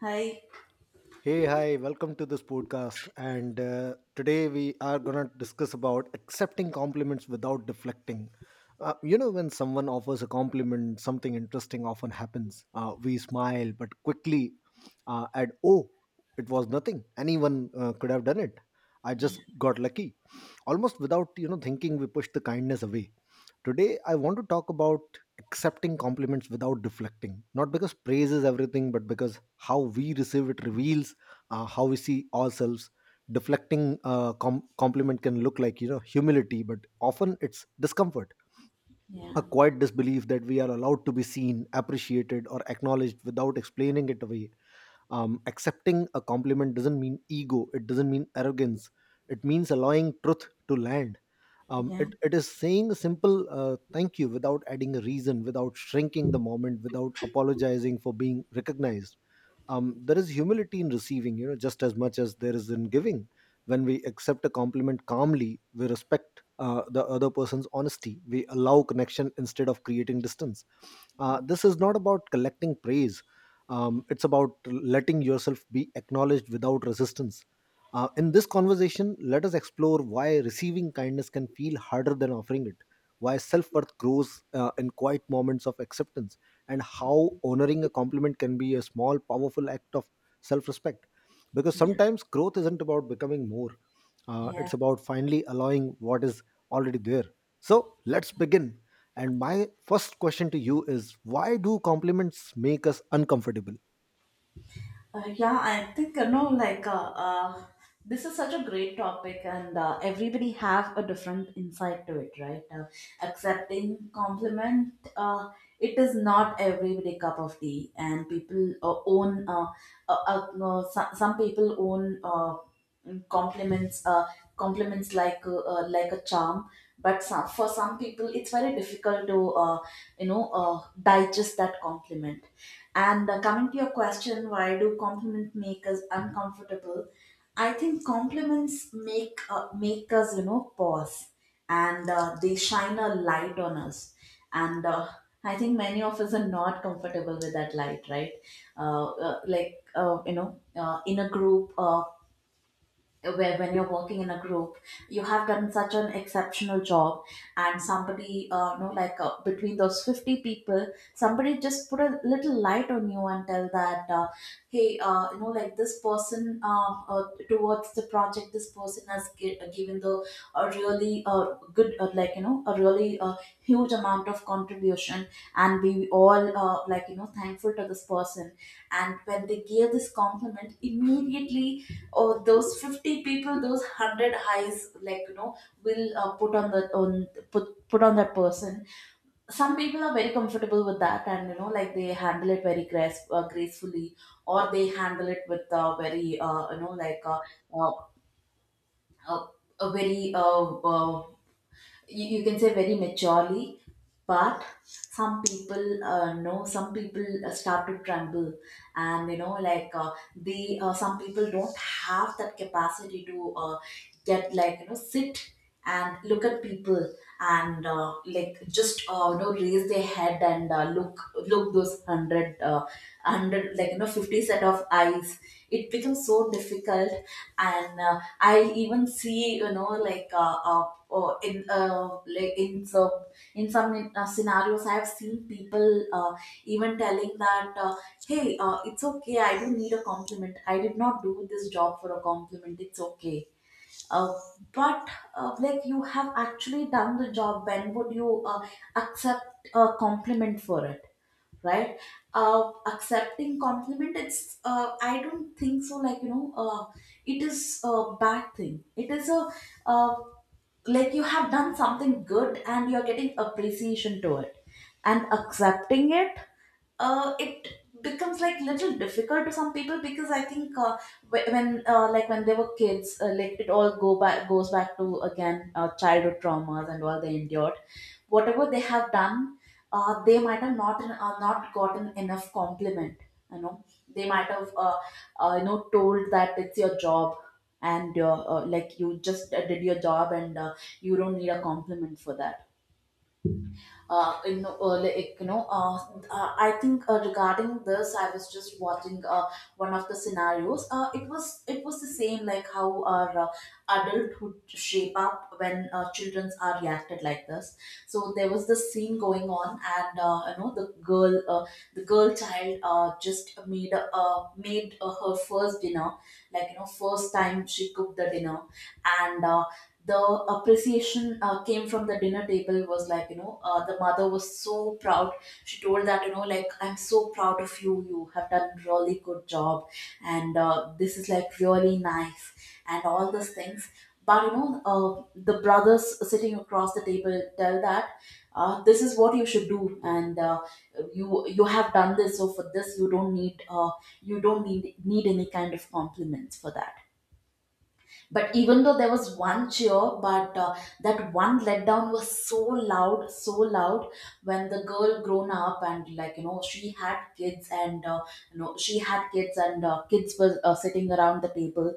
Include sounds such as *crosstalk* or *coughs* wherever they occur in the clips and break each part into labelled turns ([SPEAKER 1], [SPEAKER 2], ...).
[SPEAKER 1] Hi.
[SPEAKER 2] Hey, hi, welcome to this podcast. And today we are going to discuss about accepting compliments without deflecting. When someone offers a compliment, something interesting often happens. We smile, but quickly add, oh, it was nothing. Anyone could have done it. I just got lucky. Almost without, thinking, we push the kindness away. Today, I want to talk about accepting compliments without deflecting. Not because praise is everything, but because how we receive it reveals how we see ourselves. Deflecting compliment can look like, you know, humility, but often it's discomfort, a
[SPEAKER 1] Yeah.
[SPEAKER 2] quiet disbelief that we are allowed to be seen, appreciated, or acknowledged without explaining it away. Accepting a compliment doesn't mean ego, it doesn't mean arrogance. It means allowing truth to land. um,
[SPEAKER 1] Yeah.
[SPEAKER 2] it, it is saying a simple thank you without adding a reason, without shrinking the moment, without apologizing for being recognized. There is humility in receiving, you know, just as much as there is in giving. When we accept a compliment calmly, we respect the other person's honesty. We allow connection instead of creating distance. This is not about collecting praise. It's about letting yourself be acknowledged without resistance. In this conversation, let us explore why receiving kindness can feel harder than offering it, why self worth grows in quiet moments of acceptance, and how honoring a compliment can be a small, powerful act of self respect. Because
[SPEAKER 1] Yeah.
[SPEAKER 2] sometimes growth isn't about becoming more,
[SPEAKER 1] Yeah.
[SPEAKER 2] it's about finally allowing what is already there. So let's begin, and my first question to you is, why do compliments make us uncomfortable?
[SPEAKER 1] Yeah, I think this is such a great topic, and everybody have a different insight to it, right? Accepting compliment, it is not everybody cup of tea, and people own. No, some people own compliments, compliments like a charm, but for some people, it's very difficult to digest that compliment, and coming to your question, why do compliment make us uncomfortable? I think compliments make us, you know, pause, and they shine a light on us. And I think many of us are not comfortable with that light, right? In a group. Where when you're working in a group, you have done such an exceptional job, and somebody, between those 50 people, somebody just put a little light on you and tell that, hey, you know, like this person, towards the project, this person has given the a really good, a really huge amount of contribution, and we all, thankful to this person. And when they gave this compliment immediately, or those 50 people, those 100 eyes, will put on the on put put on that person. Some people are very comfortable with that, and you know, like they handle it very gracefully, or they handle it with very you know like uh, uh, a very uh, you, you can say very maturely. But some people start to tremble, and you know like they some people don't have that capacity to get, sit and look at people, and like just you know raise their head, and look, look those 100, 50 set of eyes. It becomes so difficult. And I even see, you know like in like in some scenarios, I have seen people, even telling that, hey, it's okay, I don't need a compliment, I did not do this job for a compliment, it's okay. uh, but like, you have actually done the job, when would you accept a compliment for it, right? Accepting compliment, it's I don't think so, it is a bad thing. It is a, uh, like, you have done something good and you're getting appreciation to it, and accepting it, it becomes like little difficult to some people, because I think, when, like when they were kids, it all go back goes back to again, childhood traumas and all they endured. Whatever they have done, they might have not gotten enough compliment, you know. They might have, told that it's your job, and you just did your job, and you don't need a compliment for that. Uh, you know, like, you know I think, regarding this, I was just watching, one of the scenarios. It was the same, like how our adulthood shape up when children are reacted like this. So there was this scene going on, and the girl child just made a- made her first dinner, first time she cooked the dinner. And the appreciation came from the dinner table was, the mother was so proud, she told that, you know, like, I'm so proud of you, you have done really good job, and this is like really nice, and all those things. But the brothers sitting across the table tell that, this is what you should do, and you, you have done this, so for this you don't need, you don't need any kind of compliments for that. But even though there was one cheer, but that one letdown was so loud, so loud. When the girl grown up, and she had kids, and she had kids, and kids were sitting around the table,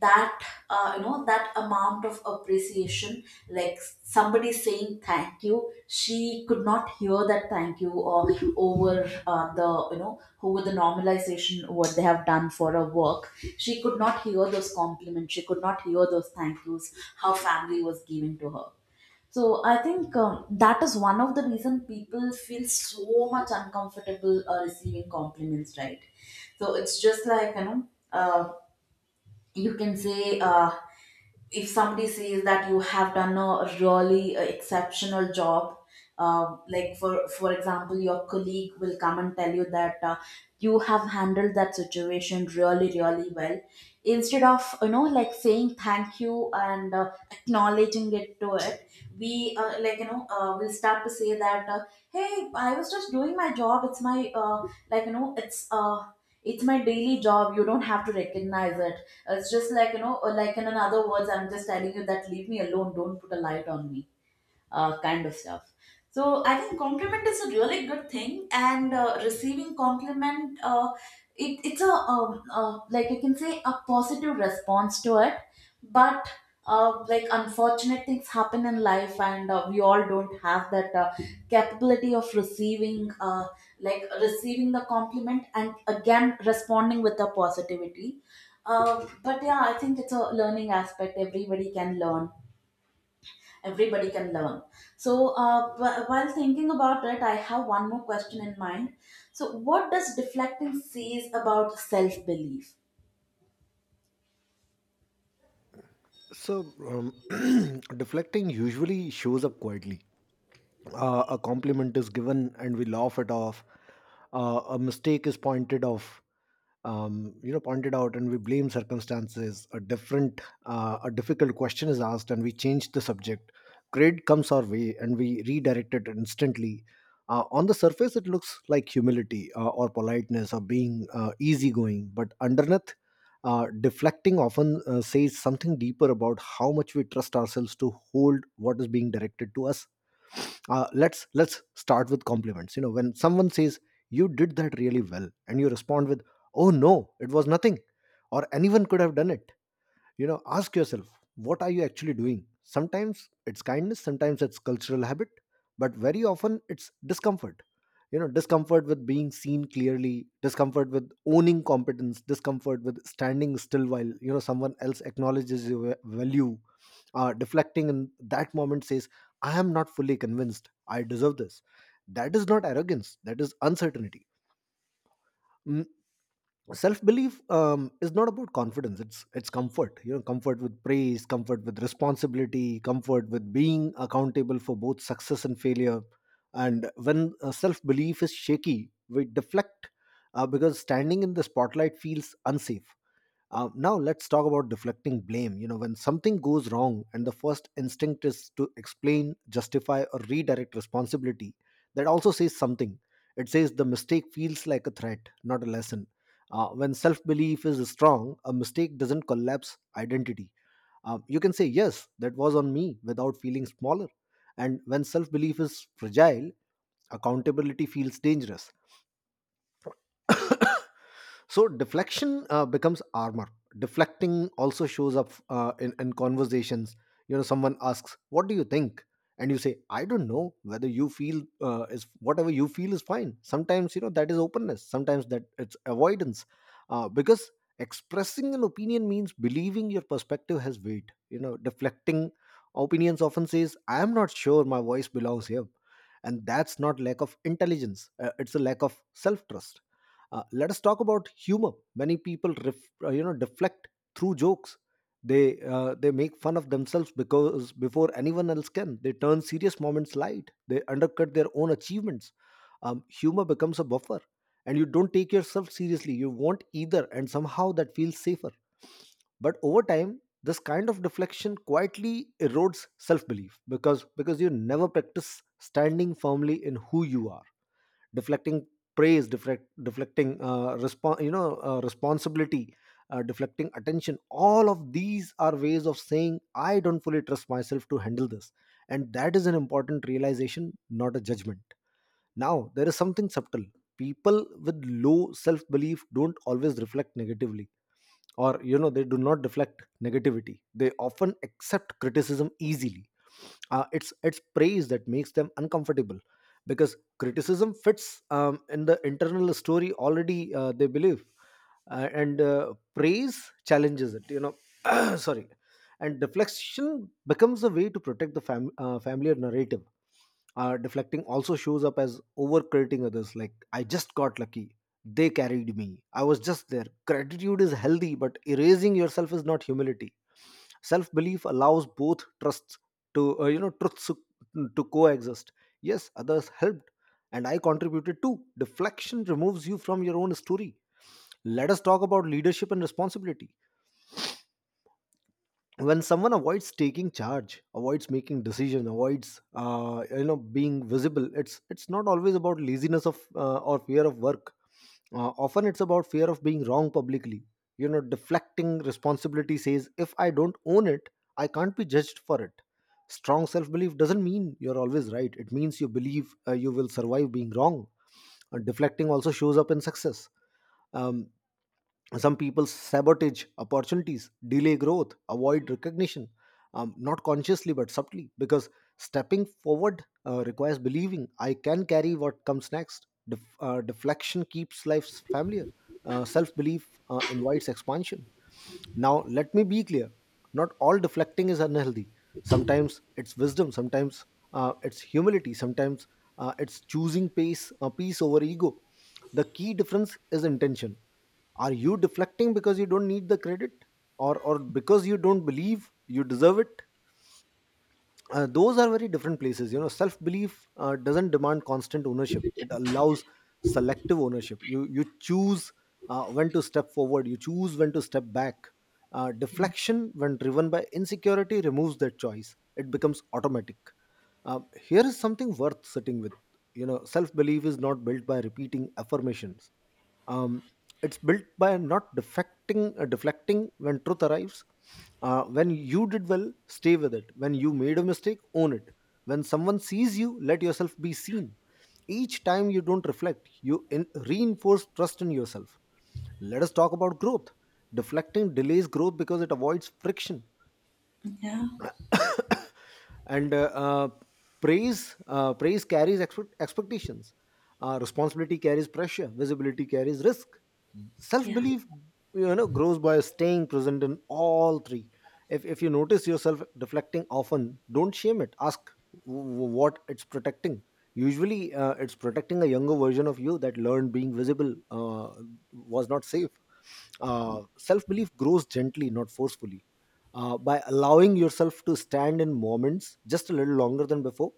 [SPEAKER 1] that, that amount of appreciation, like somebody saying thank you, she could not hear that thank you, or over the you know over the normalization, what they have done for her work, she could not hear those compliments, she could not hear those thank yous her family was giving to her. So I think, that is one of the reason people feel so much uncomfortable receiving compliments, right? So it's just you can say, if somebody says that you have done a really exceptional job, for example, your colleague will come and tell you that, you have handled that situation really really well, instead of, saying thank you and acknowledging it to it, we, will start to say that, hey, I was just doing my job, like you know it's uh, it's my daily job, you don't have to recognize it. It's just like, you know, or like in another words, I'm just telling you that leave me alone, don't put a light on me, kind of stuff. So I think compliment is a really good thing, and receiving compliment, it's a, like you can say a positive response to it. But like, unfortunate things happen in life, and we all don't have that capability of receiving, like, receiving the compliment and again responding with the positivity. But yeah, I think it's a learning aspect. Everybody can learn, everybody can learn. So while thinking about it, I have one more question in mind. So what does deflecting says about self-belief?
[SPEAKER 2] So, *clears throat* deflecting usually shows up quietly. A compliment is given and we laugh it off. A mistake is pointed off, pointed out, and we blame circumstances. A different a difficult question is asked and we change the subject. Grade comes our way and we redirect it instantly. On the surface it looks like humility, or politeness, or being easygoing, but underneath, deflecting often says something deeper about how much we trust ourselves to hold what is being directed to us. Let's start with compliments. You know, when someone says, "You did that really well," and you respond with, "Oh, no, it was nothing," or, "Anyone could have done it," you know, ask yourself, what are you actually doing? Sometimes it's kindness, sometimes it's cultural habit, but very often it's discomfort. You know, discomfort with being seen clearly, discomfort with owning competence, discomfort with standing still while, you know, someone else acknowledges your value. Deflecting in that moment says, I am not fully convinced I deserve this. That is not arrogance, that is uncertainty. Self belief is not about confidence, it's comfort. You know, comfort with praise, comfort with responsibility, comfort with being accountable for both success and failure. And when self belief is shaky, we deflect, because standing in the spotlight feels unsafe. Now let's talk about deflecting blame. You know, when something goes wrong and the first instinct is to explain, justify, or redirect responsibility, that also says something. It says the mistake feels like a threat, not a lesson. When self belief is strong, a mistake doesn't collapse identity. You can say, yes, that was on me, without feeling smaller. And when self belief is fragile, accountability feels dangerous, so deflection becomes armor. Deflecting also shows up in conversations. You know, someone asks, what do you think? And you say, I don't know, whether you feel is whatever you feel is fine. Sometimes, you know, that is openness, sometimes that it's avoidance, because expressing an opinion means believing your perspective has weight. You know, deflecting opinions often says, I am not sure my voice belongs here. And that's not lack of intelligence, it's a lack of self trust. Let us talk about humor. Many people, ref, deflect through jokes. They make fun of themselves because before anyone else can, they turn serious moments light. They undercut their own achievements. Humor becomes a buffer, and you don't take yourself seriously. You won't either, and somehow that feels safer. But over time, this kind of deflection quietly erodes self belief, because you never practice standing firmly in who you are. Deflecting praise, deflecting responsibility, deflecting attention, all of these are ways of saying, I don't fully trust myself to handle this. And that is an important realization, not a judgment. Now there is something subtle. People with low self belief don't always reflect negatively, or you know they do not reflect negativity. They often accept criticism easily. It's praise that makes them uncomfortable, because criticism fits in the internal story already they believe, and praise challenges it, you know. *clears throat* Sorry. And deflection becomes a way to protect the familiar narrative. Deflecting also shows up as overcrediting others, like, I just got lucky, they carried me, I was just there. Gratitude is healthy, but erasing yourself is not humility. Self belief allows both trusts to, you know, truths to coexist. Yes, others helped, and I contributed too. Deflection removes you from your own story. Let us talk about leadership and responsibility. When someone avoids taking charge, avoids making decision, avoids being visible, it's not always about laziness of or fear of work. Often it's about fear of being wrong publicly. You know, deflecting responsibility says, if I don't own it, I can't be judged for it. Strong self belief doesn't mean you're always right, it means you believe you will survive being wrong. Deflecting also shows up in success. Um, some people sabotage opportunities, delay growth, avoid recognition, not consciously but subtly, because stepping forward requires believing, I can carry what comes next. Deflection keeps life familiar, self-belief invites expansion. Now let me be clear, not all deflecting is unhealthy. Sometimes it's wisdom, sometimes it's humility, sometimes it's choosing pace peace over ego. The key difference is intention. Are you deflecting because you don't need the credit, or because you don't believe you deserve it? Those are very different places. You know, self belief doesn't demand constant ownership, it allows selective ownership. You choose when to step forward, you choose when to step back. Deflection, when driven by insecurity, removes that choice. It becomes automatic. Here is something worth sitting with. You know, self belief is not built by repeating affirmations, um, it's built by not deflecting when truth arrives. When you did well, stay with it. When you made a mistake, own it. When someone sees you, let yourself be seen. Each time you don't reflect, you reinforce trust in yourself. Let us talk about growth. Deflecting delays growth because it avoids friction,
[SPEAKER 1] Yeah.
[SPEAKER 2] and praise, praise carries expect- expectations, responsibility carries pressure, visibility carries risk. Self
[SPEAKER 1] Yeah.
[SPEAKER 2] belief, you know, grows by staying present in all three. If you notice yourself deflecting often, don't shame it, ask what it's protecting. Usually it's protecting a younger version of you that learned being visible was not safe. Self belief grows gently, not forcefully, by allowing yourself to stand in moments just a little longer than before.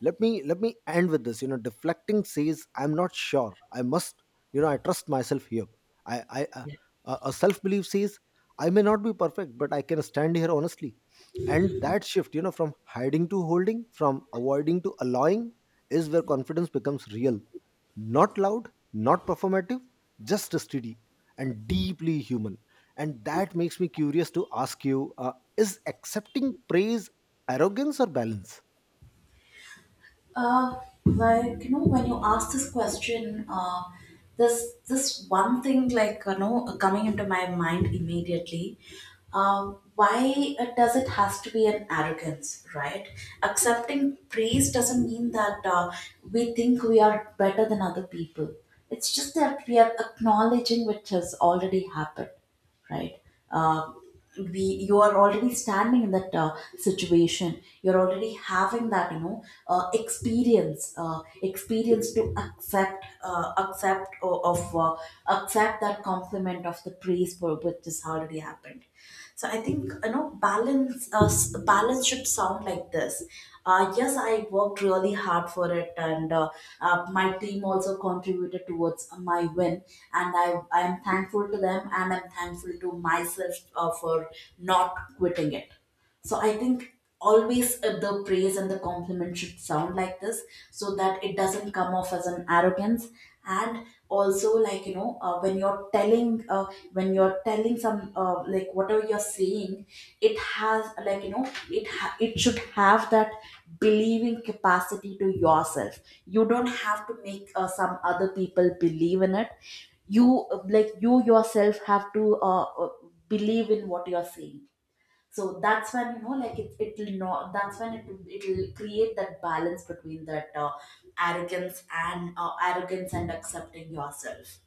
[SPEAKER 2] Let me end with this. You know, deflecting says, I'm not sure I must, you know, I trust myself here. I i uh, a self-belief says, I may not be perfect but I can stand here honestly. And that shift, you know, from hiding to holding, from avoiding to allowing, is where confidence becomes real. Not loud, not performative, just steady, and deeply human. And that makes me curious to ask you, is accepting praise arrogance or balance?
[SPEAKER 1] Uh, like, you know, when you ask this question, this, this one thing, like you know, coming into my mind immediately. Why does it has to be an arrogance, right? Accepting praise doesn't mean that we think we are better than other people. It's just that we are acknowledging which has already happened, right? Uh, we You are already standing in that situation. You're already having that, you know, experience to accept o- of accept that compliment of the praise for which has already happened. So I think, you know, balance. Balance should sound like this. Yes, I worked really hard for it, and my team also contributed towards my win. And I am thankful to them, and I'm thankful to myself for not quitting it. So I think always the praise and the compliment should sound like this, so that it doesn't come off as an arrogance. And also, when you're telling some, like, whatever you're saying, it has, like you know, it should have that believing capacity to yourself. You don't have to make some other people believe in it, you, like, you yourself have to believe in what you're saying. So that's when, you know, like, it, it'll not that's when it'll create that balance between that arrogance and accepting yourself.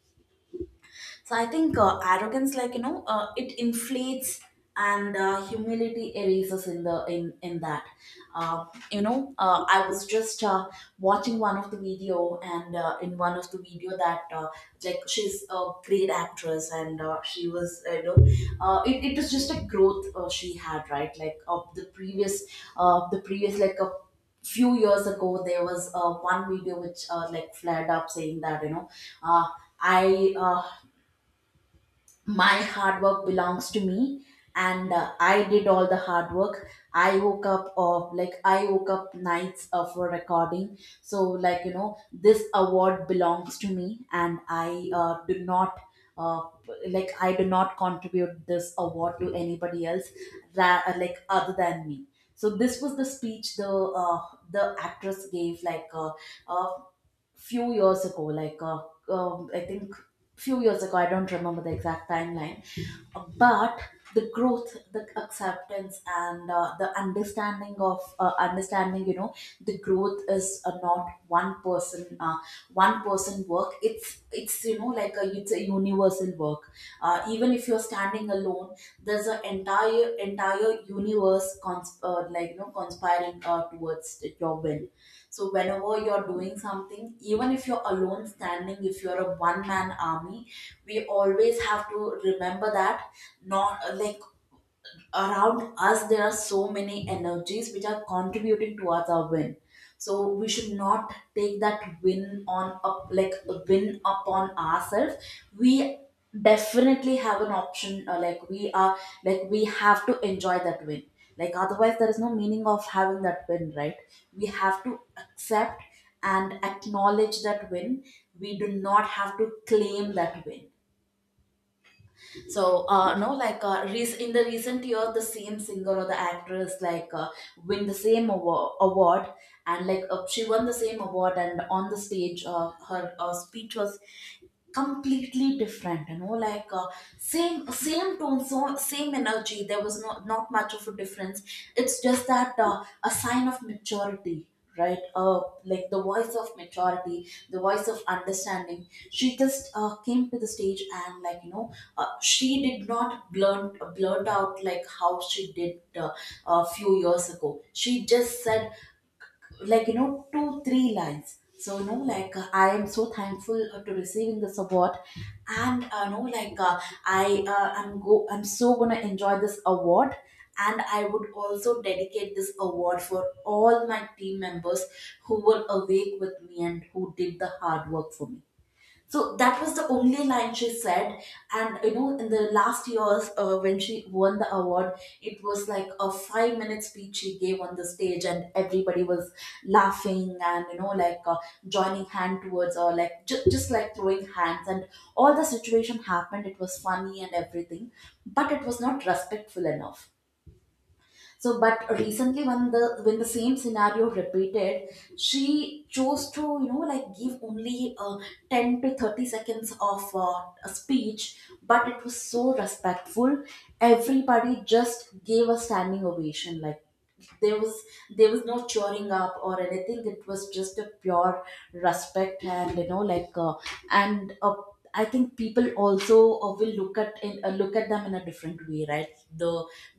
[SPEAKER 1] So I think, arrogance, like you know, it inflates, and humility erases in the in that. Uh, I was just watching one of the video, and in one of the video that, like, she's a great actress, and she was, you know, it was just a growth she had, right? The previous, like, a few years ago there was one video which like flared up saying that, you know uh, I my hard work belongs to me, and I did all the hard work. I woke up of like I woke up nights for recording, so, this award belongs to me, and I do not uh, like I do not contribute this award to anybody else, like other than me. So this was the speech uh, the actress gave, like, uh, few years ago, I think few years ago, I don't remember the exact timeline, but the growth, the acceptance, and the understanding of you know, the growth is not one person, one person work. It's, you know, like, a it's a universal work. Even if you're standing alone, there's an entire universe, like, you know, conspiring towards your will. So whenever you're doing something, even if you're alone standing, if you're a one man army, we always have to remember that, not like, around us there are so many energies which are contributing towards our win, so we should not take that win on up like a win upon ourselves. We definitely have an option, like we have to enjoy that win, like otherwise there is no meaning of having that win, right? We have to accept and acknowledge that win. We do not have to claim that win. So, no, like rec- in the recent year, the same singer or the actress, like win the same awa- award, and like she won the same award, and on the stage, her speech was completely different, same tone, so same energy, there was not much of a difference. It's just that, a sign of maturity, right? Like the voice of maturity, the voice of understanding, she just came to the stage, and, she did not blurt out like how she did a few years ago. She just said, like, you know, two three lines. So, I am so thankful to receiving this award, and, you know like I I'm go I'm so gonna enjoy this award, and I would also dedicate this award for all my team members who were awake with me and who did the hard work for me. So that was the only line she said. And you know, in the last years, when she won the award, it was like a 5-minute speech she gave on the stage, and everybody was laughing and, joining hand towards, or like, just like throwing hands. And all the situation happened. It was funny and everything, but it was not respectful enough. So, but recently, when the same scenario repeated, she chose to, you know, like give only 10 to 30 seconds of a speech, but it was so respectful. Everybody just gave a standing ovation, like there was there was no choring up or anything. It was just a pure respect and, and uh, I think people also will look at them in a different way, right? The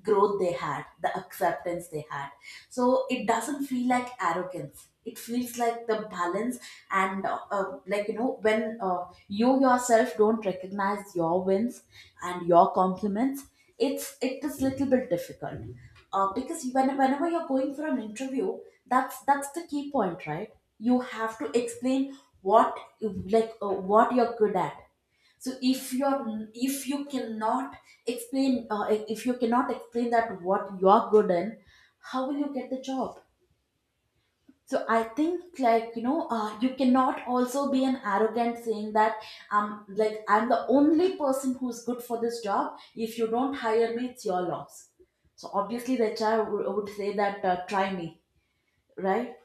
[SPEAKER 1] growth they had, the acceptance they had, so it doesn't feel like arrogance. It feels like the balance. And, like, you know, when, you yourself don't recognize your wins and your compliments, it is little bit difficult. Because whenever you're going for an interview, that's the key point, right? You have to explain what, what you're good at. So if you cannot explain if you cannot explain that, what you're good in, how will you get the job? So I think, you cannot also be an arrogant, saying that, like, I'm the only person who's good for this job. If you don't hire me, it's your loss. So obviously the child would say that, try me, right?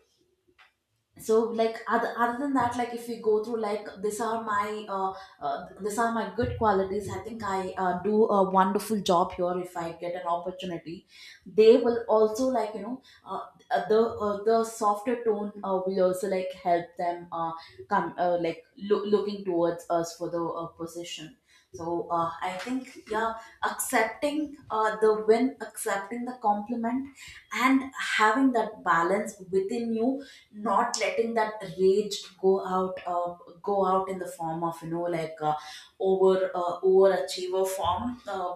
[SPEAKER 1] So, like, other than that, like, if we go through, like, these are my good qualities. I think I do a wonderful job here if I get an opportunity. They will also, the softer tone will also like help them, come like looking towards us for the position. So I think, yeah, accepting the win, accepting the compliment, and having that balance within you, not letting that rage go out uh, go out in the form of, you know like over overachiever form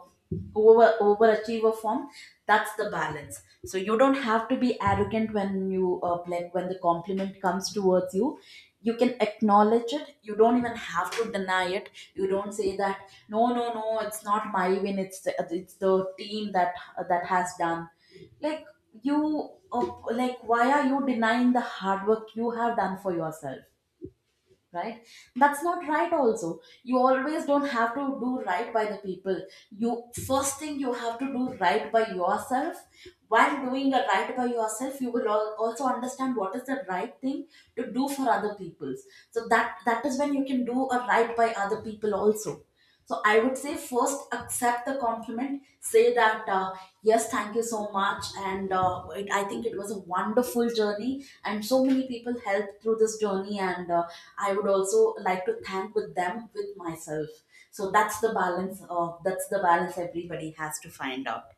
[SPEAKER 1] over overachiever form. That's the balance. So you don't have to be arrogant when you, like, when the compliment comes towards you, you can acknowledge it. You don't even have to deny it. You don't say that no, no, no, it's not my win, it's the team that has done, like, you like, why are you denying the hard work you have done for yourself, right? That's not right also. You always don't have to do right by the people. You first thing you have to do right by yourself. While doing a right by yourself, you will also understand what is the right thing to do for other people. So that is when you can do a right by other people also. So I would say, first accept the compliment, say that, yes, thank you so much, and, I think it was a wonderful journey, and so many people helped through this journey, and I would also like to thank with them, with myself. So that's the balance. That's the balance everybody has to find out,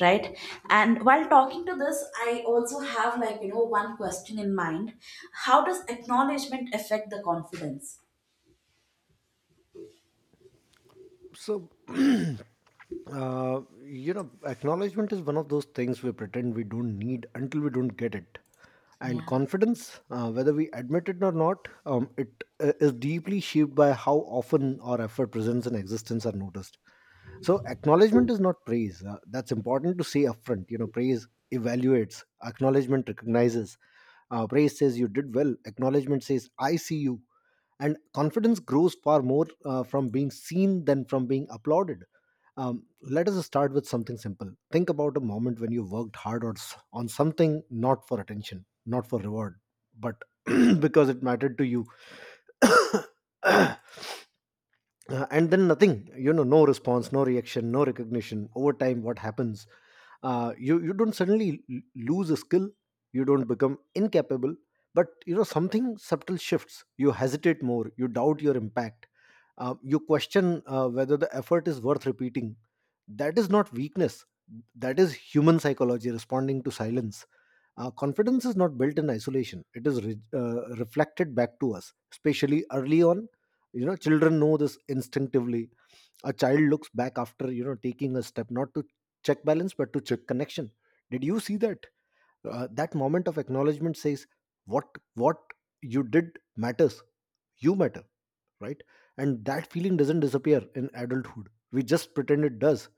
[SPEAKER 1] right? And while talking to this, I also have, like, you know, one question in mind: how does acknowledgement affect the confidence?
[SPEAKER 2] So, *clears throat* acknowledgement is one of those things we pretend we don't need until we don't get it. And
[SPEAKER 1] Yeah.
[SPEAKER 2] confidence, whether we admit it or not, it is deeply shaped by how often our effort, presence, and existence are noticed. So acknowledgement is not praise. That's important to say upfront. You know, praise evaluates, acknowledgement recognizes. Praise says, you did well. Acknowledgement says, I see you, and confidence grows far more from being seen than from being applauded. Let us start with something simple. Think about a moment when you worked hard on, on something not for attention, not for reward, but *clears throat* because it mattered to you. *coughs* And then nothing, you know, no response, no reaction, no recognition. Over time, what happens? You don't suddenly lose a skill, you don't become incapable, but you know, something subtle shifts. You hesitate more, you doubt your impact, you question whether the effort is worth repeating. That is not weakness, that is human psychology responding to silence. Confidence is not built in isolation; it is reflected back to us, especially early on. You know, children know this instinctively. A child looks back after, you know, taking a step, not to check balance, but to check connection. Did you see that? That moment of acknowledgement says what what you did matters. You matter, right? And that feeling doesn't disappear in adulthood. We just pretend it does.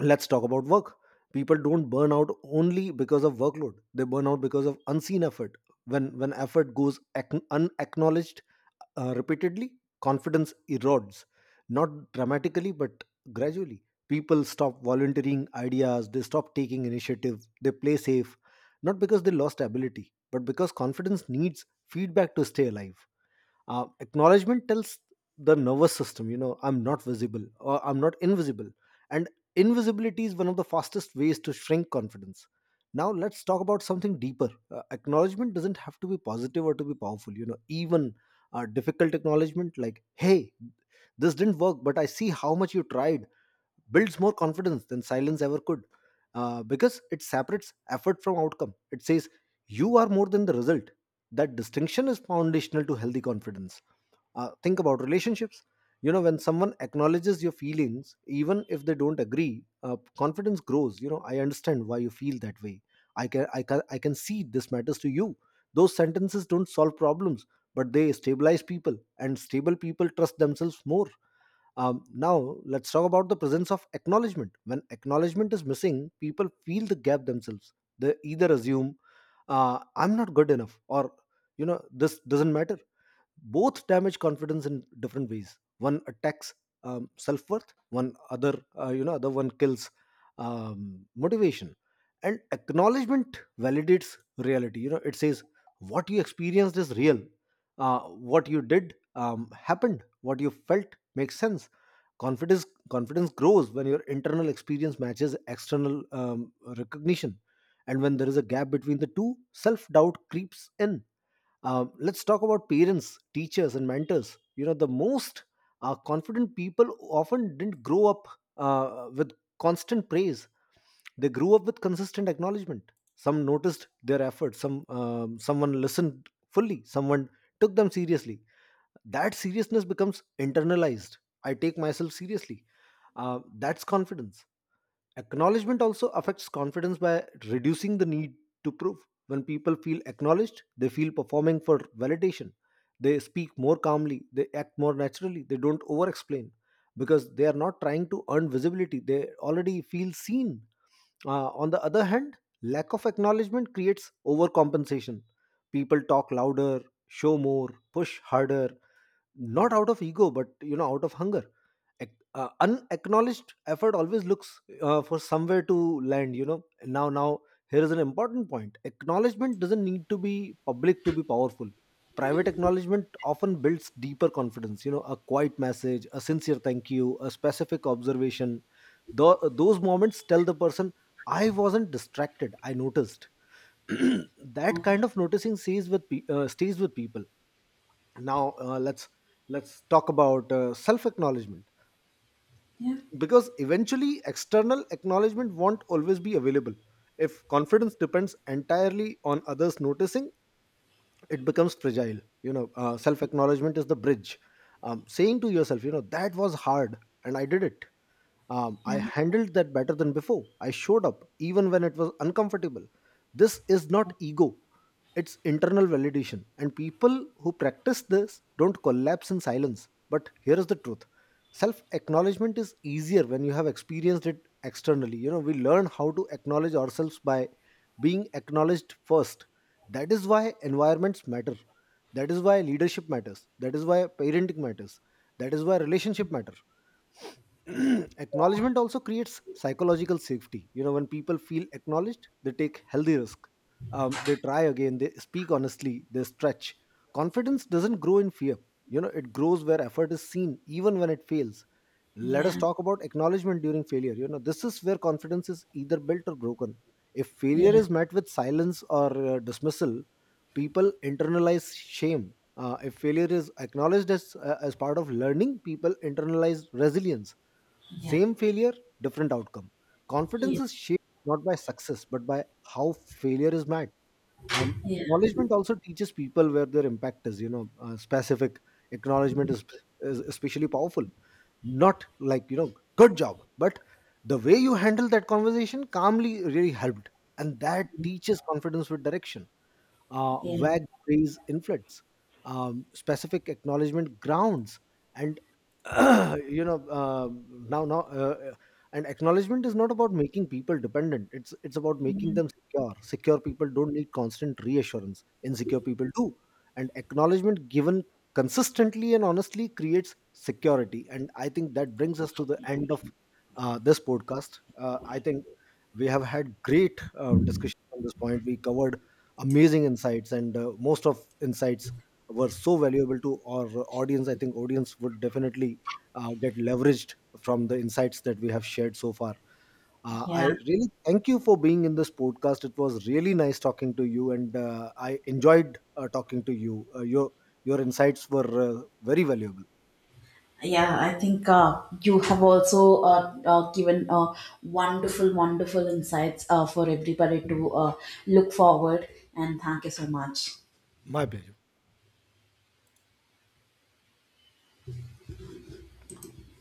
[SPEAKER 2] Let's talk about work. People don't burn out only because of workload. They burn out because of unseen effort. When effort goes unacknowledged repeatedly, confidence erodes, not dramatically but gradually. People stop volunteering ideas. They stop taking initiative. They play safe, not because they lost ability, but because confidence needs feedback to stay alive. Acknowledgement tells the nervous system, you know, I'm not visible, or I'm not invisible. And invisibility is one of the fastest ways to shrink confidence. Now let's talk about something deeper. Acknowledgement doesn't have to be positive or to be powerful. You know, even difficult acknowledgement like, "Hey, this didn't work, but I see how much you tried," builds more confidence than silence ever could, because it separates effort from outcome. It says, you are more than the result. That distinction is foundational to healthy confidence. Think about relationships. You know, when someone acknowledges your feelings, even if they don't agree, confidence grows. You know, I understand why you feel that way. I can see this matters to you. Those sentences don't solve problems, but they stabilize people, and stable people trust themselves more. Now, let's talk about the presence of acknowledgement. When acknowledgement is missing, people feel the gap themselves. They either assume, I'm not good enough, or, you know, this doesn't matter. Both damage confidence in different ways. One attacks self-worth, one other you know other one kills motivation. And acknowledgement validates reality. You know, it says what you experienced is real, what you did happened, what you felt makes sense. Confidence grows when your internal experience matches external recognition, and when there is a gap between the two, self doubt creeps in. Let's talk about parents, teachers, and mentors. You know, the most confident people often didn't grow up with constant praise. They grew up with consistent acknowledgement. Some noticed their effort. Someone listened fully. Someone took them seriously. That seriousness becomes internalized. I take myself seriously. That's confidence. Acknowledgement also affects confidence by reducing the need to prove. When people feel acknowledged, they feel performing for validation. They speak more calmly, they act more naturally, they don't over explain because they are not trying to earn visibility, they already feel seen. On the other hand, lack of acknowledgement creates overcompensation. People talk louder, show more, push harder, not out of ego but, you know, out of hunger. Unacknowledged effort always looks for somewhere to land, you know. Now here is an important point: acknowledgement doesn't need to be public to be powerful. Private acknowledgement often builds deeper confidence. You know, a quiet message, a sincere thank you, a specific observation. Those moments tell the person, I wasn't distracted, I noticed. *clears throat* That kind of noticing stays with stays with people. Now let's talk about self acknowledgement,
[SPEAKER 1] Yeah,
[SPEAKER 2] because eventually external acknowledgement won't always be available. If confidence depends entirely on others noticing, it becomes fragile. You know, self acknowledgement is the bridge. Saying to yourself, you know, that was hard and I did it.
[SPEAKER 1] yeah,
[SPEAKER 2] I handled that better than before. I showed up even when it was uncomfortable. This is not ego, it's internal validation. And people who practice this don't collapse in silence. But here is the truth: self acknowledgement is easier when you have experienced it externally. You know, we learn how to acknowledge ourselves by being acknowledged first. That is why environments matter. That is why leadership matters. That is why parenting matters. That is why relationship matter. *clears throat* Acknowledgement also creates psychological safety. You know, when people feel acknowledged, they take healthy risk. They try again, they speak honestly, they stretch. Confidence doesn't grow in fear. You know, it grows where effort is seen, even when it fails. Let us
[SPEAKER 1] yeah.
[SPEAKER 2] talk about acknowledgement during failure. You know, this is where confidence is either built or broken. If failure
[SPEAKER 1] Yeah,
[SPEAKER 2] is met with silence or dismissal, people internalize shame. If failure is acknowledged as part of learning, people internalize resilience.
[SPEAKER 1] yeah,
[SPEAKER 2] Same failure, different outcome. Confidence
[SPEAKER 1] yeah,
[SPEAKER 2] is shaped not by success, but by how failure is met. Um,
[SPEAKER 1] yeah,
[SPEAKER 2] Acknowledgement also teaches people where their impact is. You know, specific acknowledgement is especially powerful. Not like, you know, good job, but the way you handle that conversation calmly really helped, and that teaches confidence with direction.
[SPEAKER 1] yeah,
[SPEAKER 2] Vague praise inflates, specific acknowledgement grounds, and *clears throat* you know now now and acknowledgement is not about making people dependent. It's about making them secure. Secure people don't need constant reassurance. Insecure people do, and acknowledgement given consistently and honestly creates security. And I think that brings us to the end of this podcast. I think we have had great discussion on this point. We covered amazing insights, and most of insights were so valuable to our audience. I think audience would definitely get leveraged from the insights that we have shared so far. I
[SPEAKER 1] yeah.
[SPEAKER 2] really thank you for being in this podcast. It was really nice talking to you, and I enjoyed talking to you. Your insights were very valuable.
[SPEAKER 1] Yeah, I think, you have also given wonderful, wonderful insights for everybody to look forward. And thank you so much.
[SPEAKER 2] My pleasure.